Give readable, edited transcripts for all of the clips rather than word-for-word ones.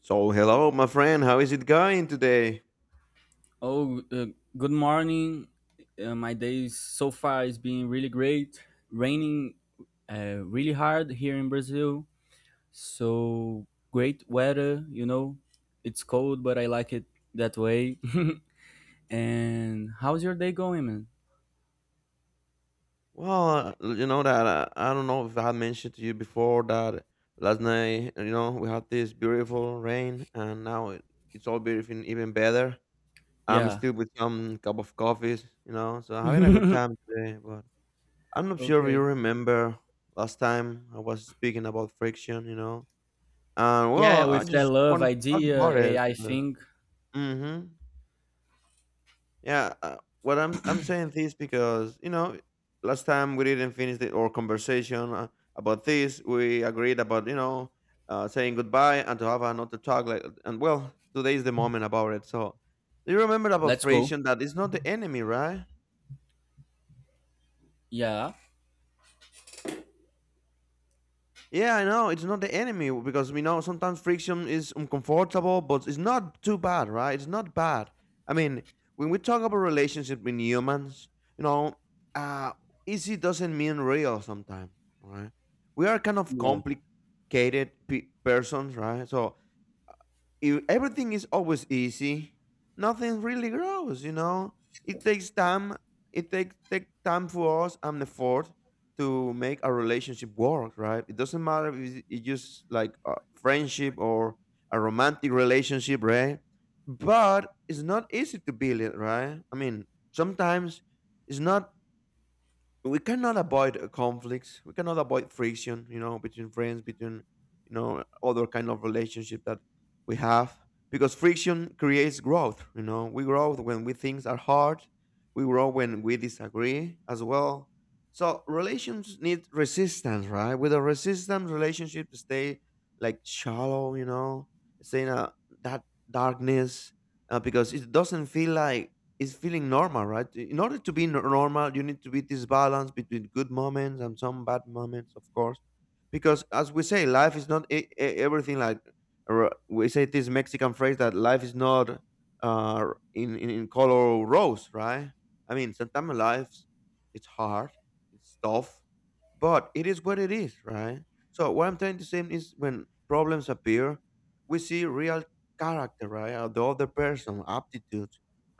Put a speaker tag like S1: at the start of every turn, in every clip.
S1: So, hello, my friend. How is it going today?
S2: Oh, uh, Good morning. My day is- so far is being really great. Raining really hard here in Brazil. So great weather, you know. It's cold, but I like it that way. And how's your day going, man?
S1: Well, you know that I don't know if I had mentioned to you before that last night, you know, we had this beautiful rain, and now it's all beautiful, even better. I'm
S2: Yeah.
S1: still with some cup of coffees, you know, so having a good time today. But I'm not sure if you
S2: Okay.
S1: remember last time I was speaking about friction, you know, and well,
S2: Yeah,
S1: I
S2: with that
S1: just
S2: love
S1: wanted to talk about
S2: idea,
S1: it
S2: AI
S1: because.
S2: thing.
S1: Mm-hmm. Yeah, what I'm saying this because you know last time we didn't finish our conversation about this. We agreed about you know saying goodbye and to have another talk. Like and well, today is the moment about it. So do you remember about
S2: Let's go.
S1: Frisian that it's not the enemy, right?
S2: Yeah.
S1: Yeah, I know. It's not the enemy because we know sometimes friction is uncomfortable, but it's not too bad, right? It's not bad. I mean, when we talk about relationship with humans, you know, uh, easy doesn't mean real sometimes, right? We are kind of
S2: Yeah.
S1: complicated persons, right? So if everything is always easy, nothing really grows, you know? It takes time it takes take time for us and effort to make our relationship work, right? It doesn't matter if it's just like a friendship or a romantic relationship, right? But it's not easy to build it, right? I mean, sometimes it's not, we cannot avoid conflicts, we cannot avoid friction, you know, between friends, between you know other kind of relationship that we have, because friction creates growth, you know, we grow when we things are hard, we grow when we disagree as well. So relations need resistance, right? With a resistant relationship stay like shallow, you know, stay in that darkness, because it doesn't feel like is feeling normal, right? In order to be normal, you need to be this balance between good moments and some bad moments, of course, because as we say, life is not everything. Like we say this Mexican phrase that life is not uh, in, in color rose, right? I mean, sometimes life it's hard, it's tough, but it is what it is, right? So what I'm trying to say is, when problems appear, we see real character, right? Of the other person, aptitude,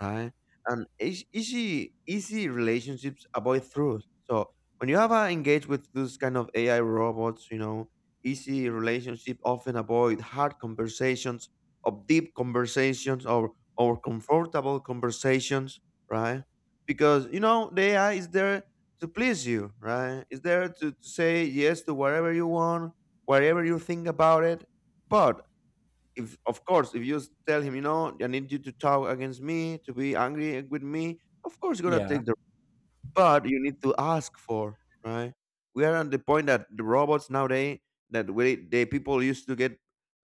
S1: right? And easy relationships avoid truth. So when you have engaged with those kind of AI robots, you know, easy relationship often avoid hard conversations, of deep conversations, or comfortable conversations, right? Because you know the AI is there to please you, right? Is there to say yes to whatever you want, whatever you think about it. But if of course if you tell him, you know, I need you to talk against me, to be angry with me, of course you're gonna
S2: Yeah.
S1: take the, but you need to ask for, right? We are at the point that the robots nowadays that we the people used to get,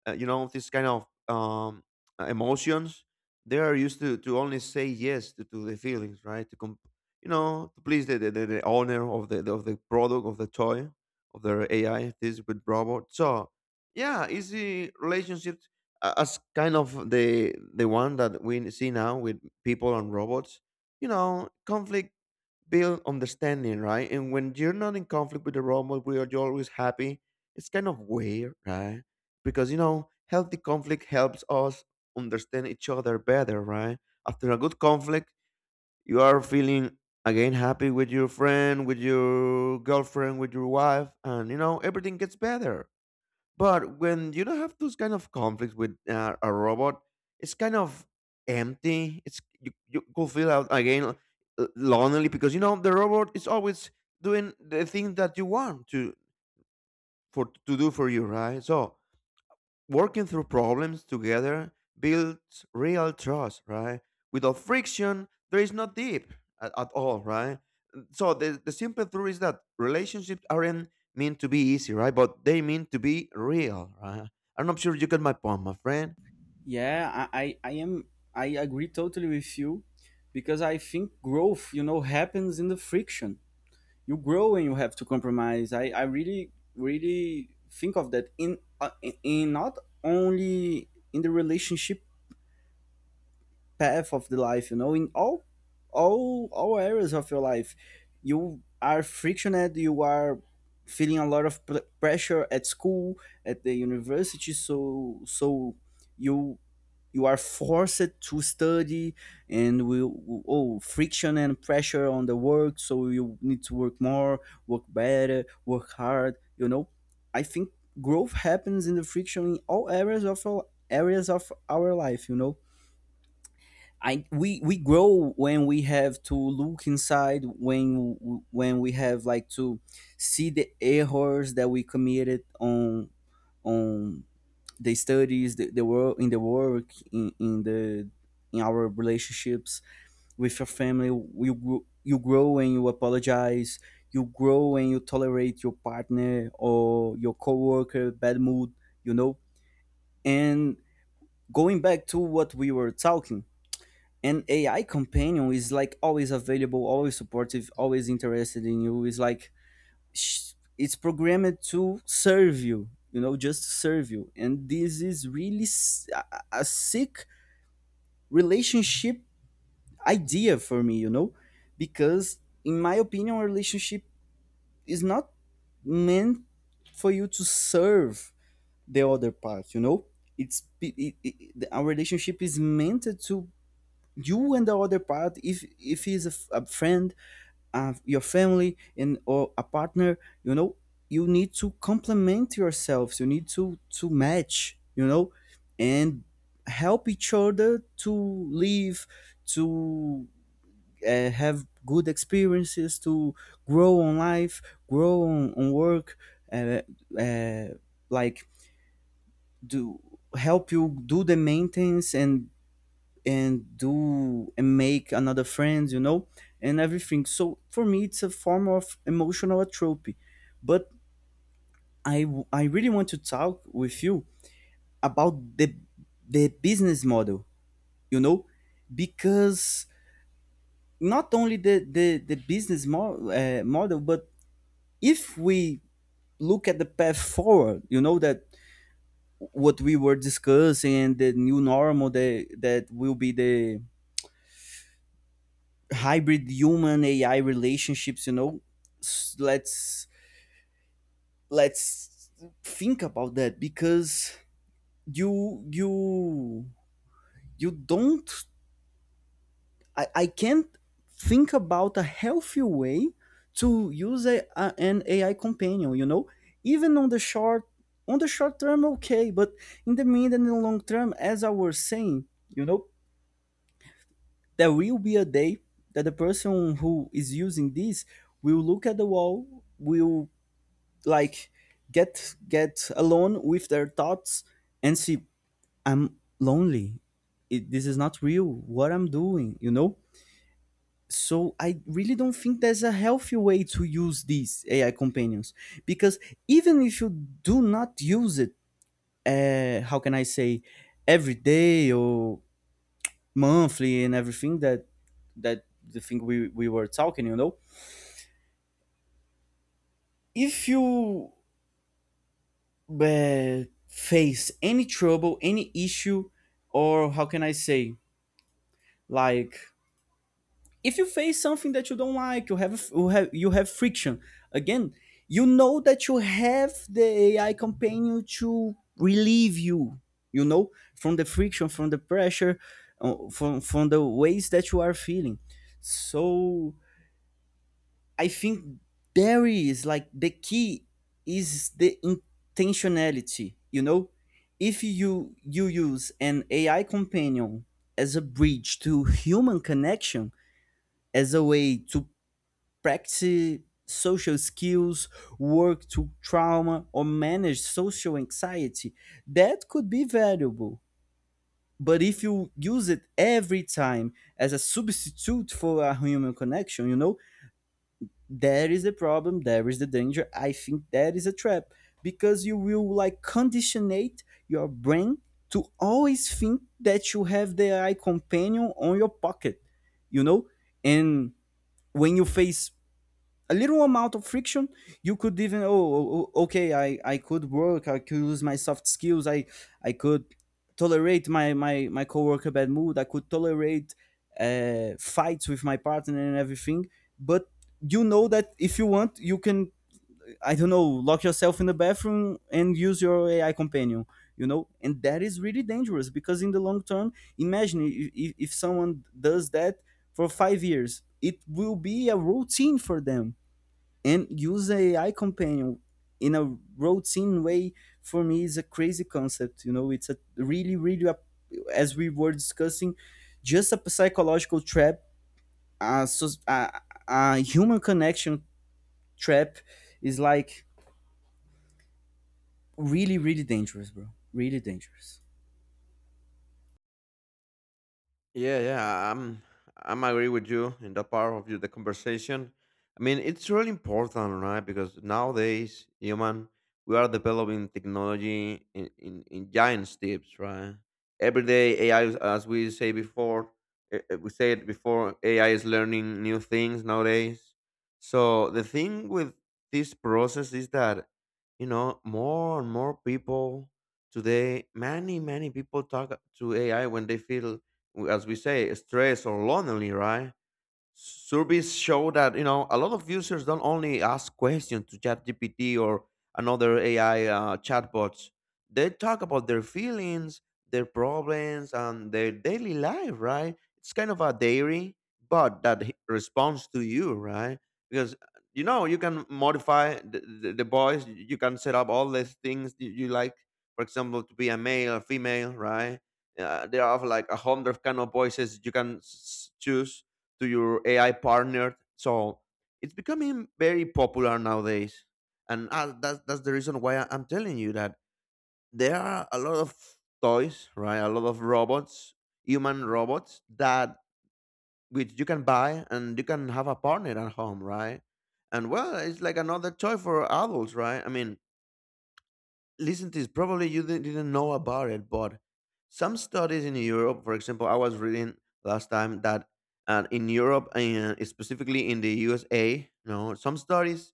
S1: you know, this kind of emotions. They are used to only say yes to the feelings, right? To you know, to please the owner of the of the product, of the toy, of their AI, this with robot. So yeah, easy relationships, as kind of the one that we see now with people and robots, you know, conflict build understanding, right? And when you're not in conflict with the robot, where you're always happy, it's kind of weird, right? Because you know, healthy conflict helps us understand each other better, right? After a good conflict, you are feeling again happy with your friend, with your girlfriend, with your wife, and you know, everything gets better. But when you don't have those kind of conflicts with a robot, it's kind of empty. It's you go feel out again lonely because you know the robot is always doing the thing that you want to for to do for you, right? So working through problems together builds real trust, right? Without friction, there is no deep at all, right? So the simple truth is that relationships aren't meant to be easy, right? But they mean to be real, right? I'm not sure you get my point, my friend.
S2: Yeah, I am, I agree totally with you because I think growth, you know, happens in the friction. You grow and you have to compromise. I really really think of that in not only in the relationship path of the life, you know, in all areas of your life. You are frictioned, you are feeling a lot of pressure at school, at the university, so you, you are forced to study. And we, oh, friction and pressure on the work, so you need to work more, work better, work hard, you know. I think growth happens in the friction in all areas of our life, you know. I we we grow when we have to look inside, when we have like to see the errors that we committed on the studies, the work, in the in our relationships with your family. You you grow and you apologize. You grow and you tolerate your partner or your coworker bad mood. You know. And going back to what we were talking, an AI companion is like always available, always supportive, always interested in you. Is like sh- it's programmed to serve you, you know, just serve you. And this is really a sick relationship idea for me, you know, because in my opinion a relationship is not meant for you to serve the other part, you know. It's it, it, it, Our relationship is meant to you and the other part, if he's a friend, your family and or a partner, you know, you need to complement yourselves, you need to match, you know. And help each other to live, to have good experiences, to grow on life, grow on work, uh, uh, like do, help you do the maintenance and do and make another friend, you know, and everything. So for me it's a form of emotional atrophy. But I really want to talk with you about the business model, you know, because not only the business model, but if we look at the path forward, you know, that what we were discussing and the new normal, that that will be the hybrid human AI relationships, you know. S- let's let's think about that because you you don't, I can't think about a healthy way to use an AI companion, you know, even on the short term, okay, but in the mid and the long term, as I was saying, you know, there will be a day that the person who is using this will look at the wall, will, like, get alone with their thoughts and see, I'm lonely. It, this is not real what I'm doing, you know. So I really don't think there's a healthy way to use these AI companions, because even if you do not use it, how can I say, every day or monthly and everything, that that the thing we were talking, you know, if you but face any trouble, any issue, or how can I say, like, if you face something that you don't like, you have you have friction. Again, you know that you have the AI companion to relieve you. You know, from the friction, from the pressure, from the ways that you are feeling. So I think there is like the key is the intentionality, you know? If you use an AI companion as a bridge to human connection, as a way to practice social skills, work to trauma or manage social anxiety, that could be valuable. But if you use it every time as a substitute for a human connection, you know, there is the problem. There is the danger. I think that is a trap because you will, like, conditionate your brain to always think that you have the AI companion on your pocket, you know? And when you face a little amount of friction, you could even, oh, okay, I could work, I could use my soft skills, I could tolerate my my coworker bad mood, I could tolerate fights with my partner and everything. But you know that if you want, you can, I don't know, lock yourself in the bathroom and use your AI companion, you know. And that is really dangerous because in the long term, imagine if someone does that for 5 years, it will be a routine for them. And use a AI companion in a routine way, for me is a crazy concept. You know, it's a really, really, a, as we were discussing, just a psychological trap. So a human connection trap is like really, really dangerous, bro. Really dangerous.
S1: Yeah, yeah, I'm agree with you in that part of you, the conversation. I mean, it's really important, right? Because nowadays, human, we are developing technology in giant steps, right? Every day, AI, as we say before, we said before, AI is learning new things nowadays. So the thing with this process is that, you know, more and more people today, many people talk to AI when they feel as we say, stressed or lonely, right? Surveys show that you know a lot of users don't only ask questions to ChatGPT or another AI chatbots. They talk about their feelings, their problems, and their daily life. Right? It's kind of a diary, but that responds to you, right? Because you know you can modify the voice. You can set up all these things you like. For example, to be a male, or female, right? There are like a hundred kind of voices you can choose to your AI partner. So it's becoming very popular nowadays, and that's the reason why I'm telling you that there are a lot of toys, right? A lot of robots, human robots that which you can buy and you can have a partner at home, right? And well, it's like another toy for adults, right? I mean, listen to this. Probably you didn't know about it, but some studies in Europe, for example, I was reading last time that in Europe and specifically in the USA, no, some studies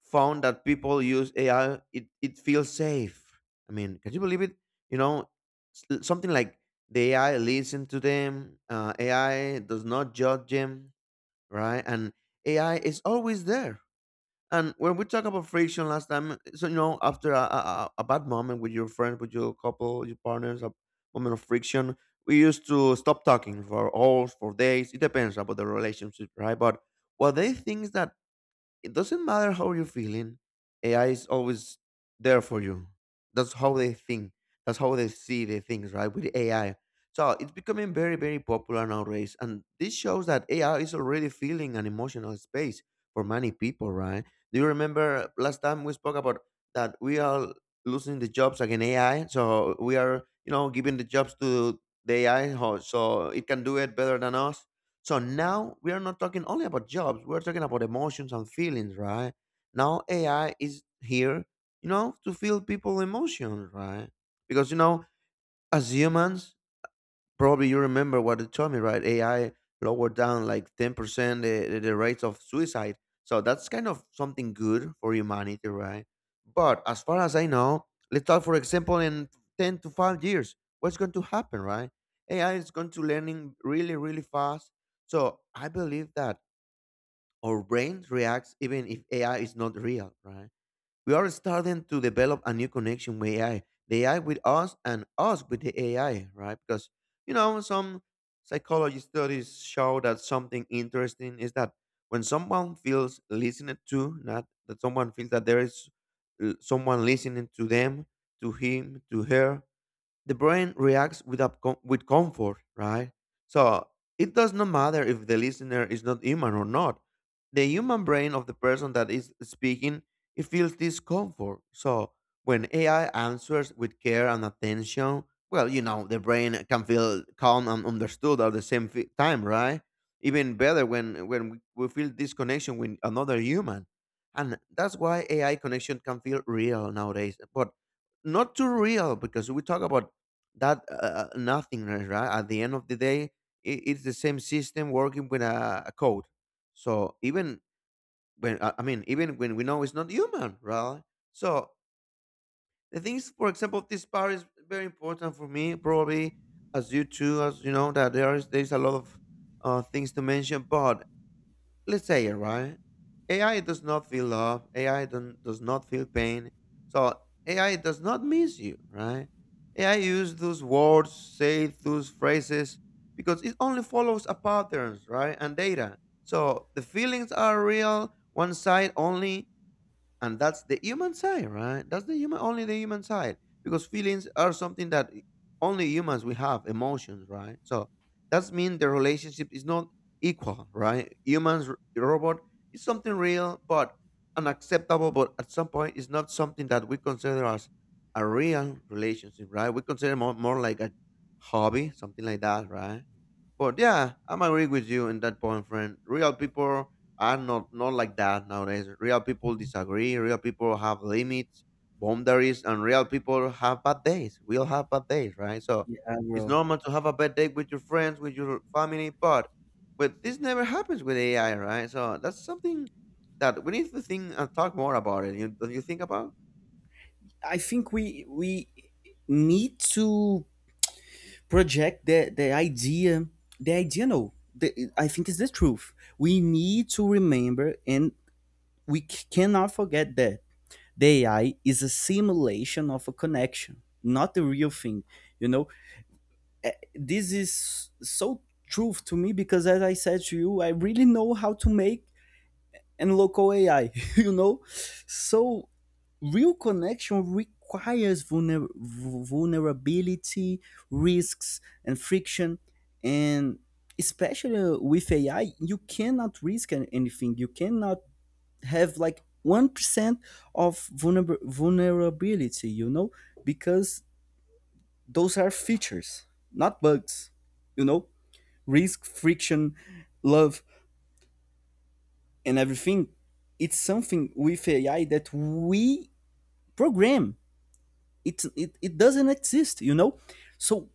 S1: found that people use AI. It it feels safe. I mean, can you believe it? You know, something like the AI listen to them. AI does not judge them, right? And AI is always there. And when we talk about friction last time, so you know, after a bad moment with your friend, with your couple, your partners, a moment of friction, we used to stop talking for hours, for days. It depends about the relationship, right? But what they think is that it doesn't matter how you're feeling. AI is always there for you. That's how they think. That's how they see the things, right? With AI. So it's becoming very, very popular nowadays. And this shows that AI is already filling an emotional space for many people, right? Do you remember last time we spoke about that we are losing the jobs against AI? So we are, you know, giving the jobs to the AI, ho- so it can do it better than us. So now we are not talking only about jobs, we're talking about emotions and feelings, right? Now AI is here, you know, to feel people emotions, right? Because you know, as humans, probably you remember what you told me, right? AI lowered down like 10% the rates of suicide. So that's kind of something good for humanity, right? But as far as I know, let's talk, for example, in 10 to 5 years, what's going to happen, right? AI is going to learning really, really fast. So I believe that our brain reacts even if AI is not real, right? We are starting to develop a new connection with AI, the AI with us and us with the AI, right? Because, you know, some psychology studies show that something interesting is that when someone feels listened to, not that someone feels that there is someone listening to them, to him, to her, the brain reacts up, with comfort, right? So it does not matter if the listener is not human or not. The human brain of the person that is speaking, it feels discomfort. So when AI answers with care and attention, well, you know, the brain can feel calm and understood at the same time, right? Even better when we feel this connection with another human. And that's why AI connection can feel real nowadays. But not too real because we talk about that nothingness, right? At the end of the day, it's the same system working with a code. So even when I mean, even when we know it's not human, right? So the things, for example, this part is very important for me, probably as you too, as you know that there is a lot of things to mention, but let's say it right. AI does not feel love. Ai don't, does not feel pain. So AI does not miss you, right? AI use those words, say those phrases because it only follows a patterns, right? And data. So the feelings are real one side only, and that's the human side, right? That's the human, only the human side. Because feelings are something that only humans we have emotions, right? So that's mean the relationship is not equal, right? Humans, robot is something real but unacceptable, but at some point it's not something that we consider as a real relationship, right? We consider more, more like a hobby, something like that, right? But yeah, I'm agreeing with you in that point, friend. Real people are not like that nowadays. Real people disagree. Real people have limits, boundaries, and real people have bad days. We'll have bad days, right? So
S2: Yeah,
S1: it's
S2: bro.
S1: normal to have a bad day with your friends, with your family, but this never happens with AI, right? So that's something that we need to think and talk more about it. You, don't you think about?
S2: I think we need to project the idea. The idea, no. The, I think is the truth. We need to remember and we cannot forget that the AI is a simulation of a connection, not the real thing. You know, this is so truth to me because, as I said to you, I really know how to make and local AI. You know, so real connection requires vulnerability, risks, and friction. And especially with AI, you cannot risk anything. You cannot have like 1% of vulnerability, you know, because those are features, not bugs, you know. Risk, friction, love, and everything. It's something with AI that we program. It doesn't exist, you know? So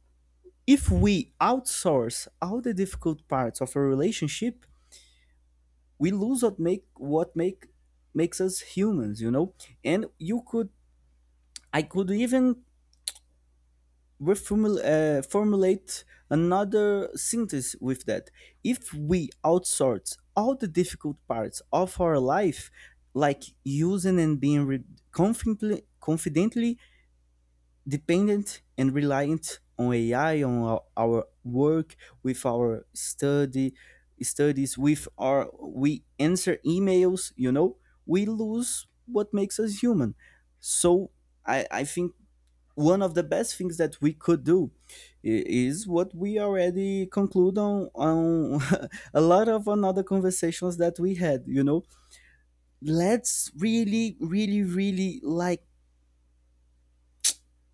S2: if we outsource all the difficult parts of a relationship, we lose what makes us humans, you know? And you could, I could even formulate another sentence with that. If we outsource all the difficult parts of our life, like using and being confidently, confidently dependent and reliant on AI, on our work, with our study, studies, with our, we answer emails, you know, we lose what makes us human. So I think one of the best things that we could do is what we already conclude on a lot of another conversations that we had, you know. Let's really really really, like,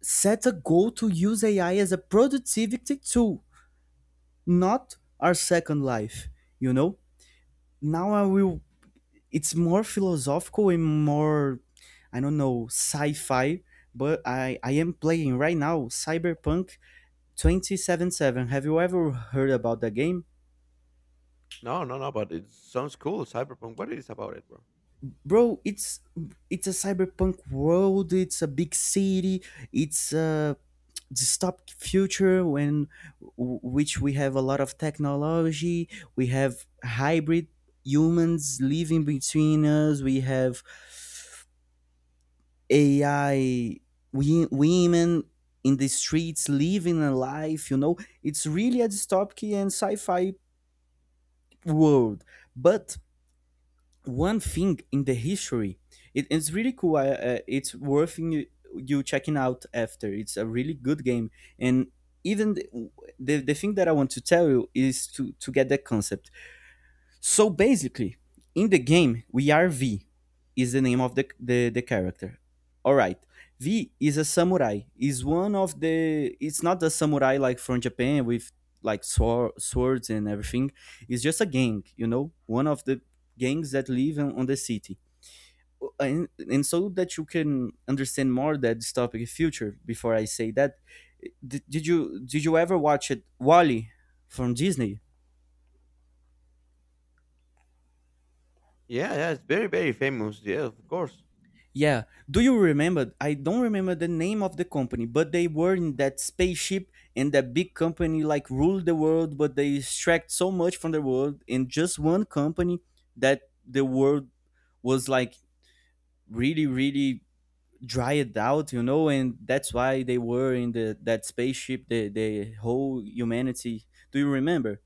S2: set a goal to use AI as a productivity tool, not our second life, you know. Now I will, it's more philosophical and more, I don't know, sci-fi, but I am playing right now Cyberpunk 277. Have you ever heard about that game?
S1: No, no, no. But it sounds cool. Cyberpunk. What it is about it, bro?
S2: Bro, it's a cyberpunk world, it's a big city, it's a dystopic future when which we have a lot of technology, we have hybrid humans living between us, we have AI, we, women in the streets living a life, you know. It's really a dystopic and sci-fi world. But one thing in the history, it, it's really cool. I, it's worth you, you checking out after. It's a really good game. And even the thing that I want to tell you is to get that concept. So basically, in the game, we are V, is the name of the character. All right, V is a samurai. Is one of the. It's not the samurai like from Japan with like swords and everything. It's just a gang, you know, one of the gangs that live on the city. And so that you can understand more that this topic in future. Before I say that, did you ever watch it Wally from Disney?
S1: Yeah, yeah. It's very, very famous. Yeah, of course.
S2: Yeah. Do you remember? I don't remember the name of the company, but they were in that spaceship and that big company like ruled the world, but they extract so much from the world in just one company that the world was like really, really dried out, you know. And that's why they were in the that spaceship, the whole humanity. Do you remember?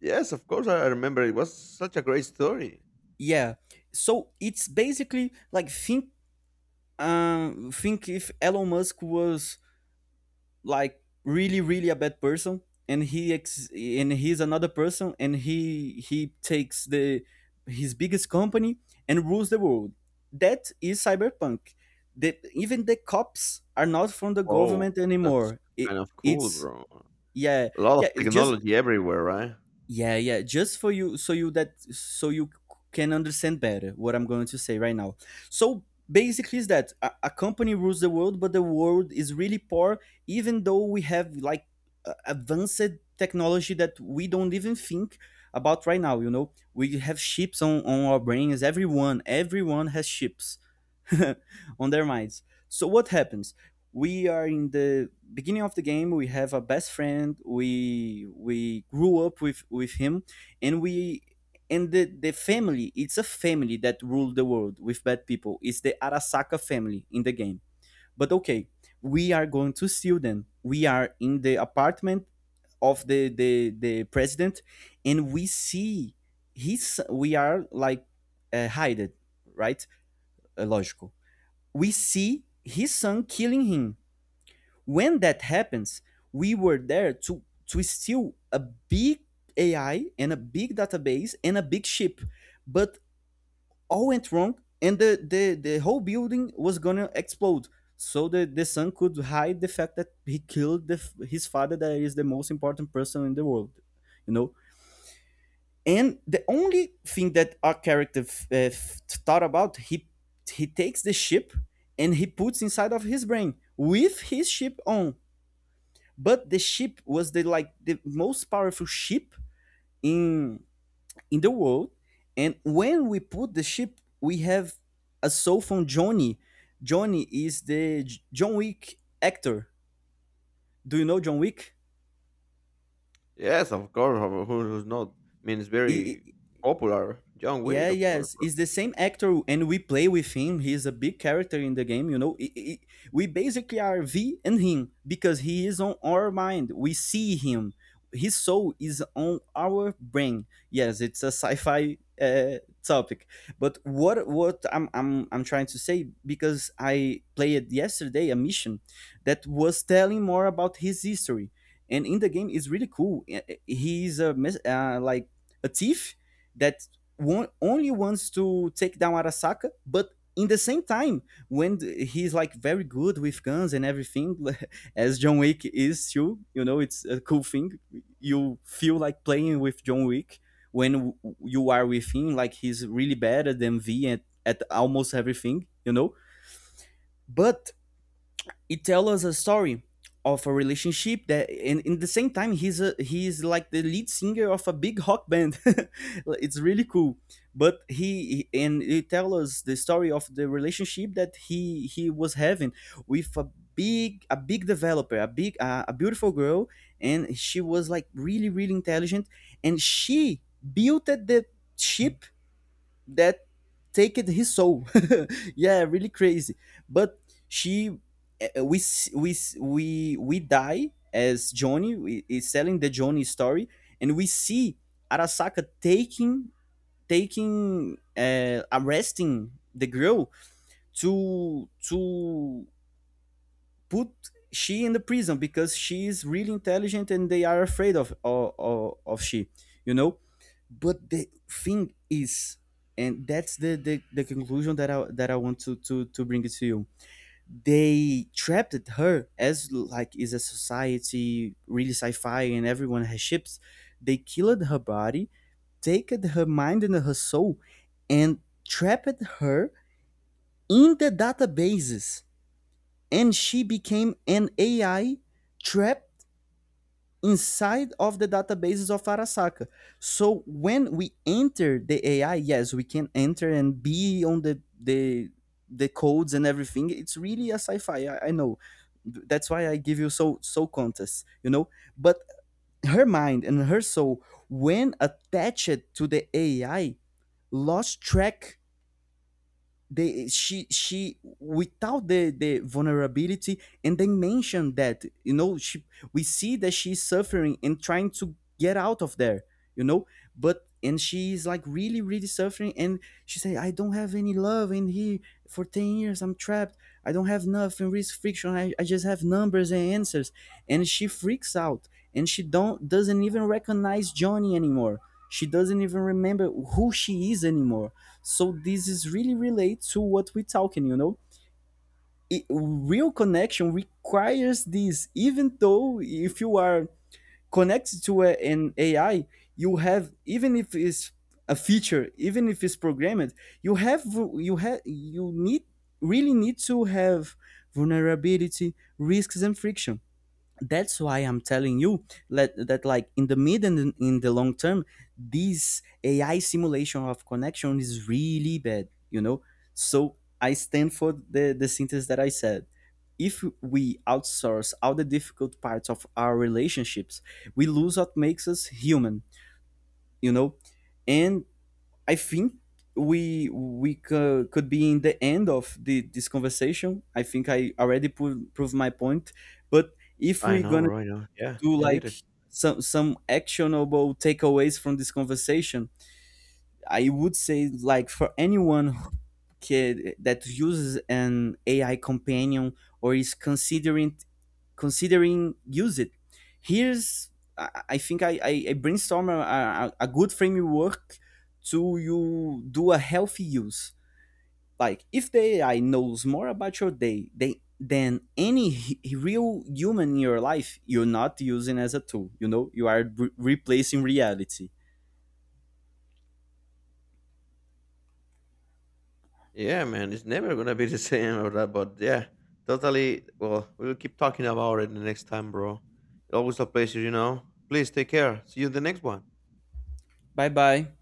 S1: Yes, of course, I remember. It was such a great story.
S2: Yeah. So it's basically like think if Elon Musk was like really really a bad person, and he and he's another person and he takes the his biggest company and rules the world. That is Cyberpunk. The, even the cops are not from the
S1: Oh,
S2: government
S1: that's
S2: anymore. It,
S1: kind of cool,
S2: it's
S1: bro.
S2: yeah,
S1: A lot of
S2: yeah, it's just
S1: technology everywhere, right?
S2: yeah, yeah. Just for you, so you that so you can understand better what I'm going to say right now. So basically, is that a company rules the world, but the world is really poor, even though we have like advanced technology that we don't even think about right now. You know, we have chips on our brains. Everyone has chips on their minds. So what happens? We are in the beginning of the game. We have a best friend. We grew up with him, and we and the family. It's a family that ruled the world with bad people. It's the Arasaka family in the game. But okay, we are going to steal them. We are in the apartment of the president, and we see his. We are like hided, right? Logical, we see his son killing him. When that happens, we were there to steal a big AI and a big database and a big ship, but all went wrong, and the whole building was gonna explode. So the son could hide the fact that he killed the, his father, that is the most important person in the world. You know, and the only thing that our character thought about, he takes the ship and he puts inside of his brain with his ship on, but the ship was the like the most powerful ship in in the world. And when we put the ship, we have a soul from Johnny. Johnny is the John Wick actor. Do you know John Wick?
S1: Yes, of course. Who, who's not? I mean, it's very
S2: he,
S1: popular. John
S2: Yeah,
S1: Wick, of course,
S2: yes,
S1: bro.
S2: it's the same actor, and we play with him. He's a big character in the game, you know. We basically are V and him because he is on our mind. We see him. His soul is on our brain. Yes, it's a sci-fi topic. But what I'm trying to say, because I played yesterday a mission that was telling more about his history, and in the game is really cool. He's a like a thief that only wants to take down Arasaka, but in the same time, when he's like very good with guns and everything, as John Wick is too, you know, it's a cool thing. You feel like playing with John Wick when you are with him, like he's really better than V at almost everything, you know. But it tells us a story of a relationship that, and in the same time he's a he's like the lead singer of a big rock band. It's really cool, but he and it tells us the story of the relationship that he was having with a big developer, a big a beautiful girl, and she was like really really intelligent, and she built the ship that taked his soul. Yeah, really crazy. But she, we die as Johnny is telling the Johnny story, and we see Arasaka taking arresting the girl to put she in the prison because she is really intelligent and they are afraid of she, you know. But the thing is, and that's the conclusion that I want to bring it to you. They trapped her, as like is a society really sci-fi and everyone has ships. They killed her body, taken her mind and her soul, and trapped her in the databases. And she became an AI trapped inside of the databases of Arasaka. So when we enter the AI, yes, we can enter and be on the codes and everything. It's really a sci-fi. I know. That's why I give you so so contests, you know. But her mind and her soul, when attached to the AI, lost track. They, she without the vulnerability, and they mention that, you know, she, we see that she's suffering and trying to get out of there, you know. But and she's like really really suffering, and she say, I don't have any love in here, for 10 years I'm trapped. I don't have nothing, risk, friction. I just have numbers and answers. And she freaks out, and she don't doesn't even recognize Johnny anymore. She doesn't even remember who she is anymore. So this is really relate to what we're talking, you know. It, real connection requires this. Even though if you are connected to an AI, you have, even if it's a feature, even if it's programmed, you have you have you need really need to have vulnerability, risks, and friction. That's why I'm telling you that, that like in the mid and in the long term, this AI simulation of connection is really bad, you know? So I stand for the sentence that I said. If we outsource all the difficult parts of our relationships, we lose what makes us human, you know? And I think we could be in the end of this conversation. I think I already proved my point. But if
S1: I
S2: we're
S1: know,
S2: gonna
S1: bro. I know. Yeah,
S2: do
S1: you did
S2: like
S1: it.
S2: some actionable takeaways from this conversation, I would say, like, for anyone who kid that uses an AI companion or is considering use it, here's, I, I think I brainstorm a good framework to you do a healthy use. Like, if the AI knows more about your day they, than any real human in your life, you're not using as a tool. You know, you are replacing reality.
S1: Yeah, man. It's never gonna be the same or that, but yeah, totally. Well, we'll keep talking about it the next time, bro. Always a pleasure, you know. Please take care. See you in the next one.
S2: Bye bye.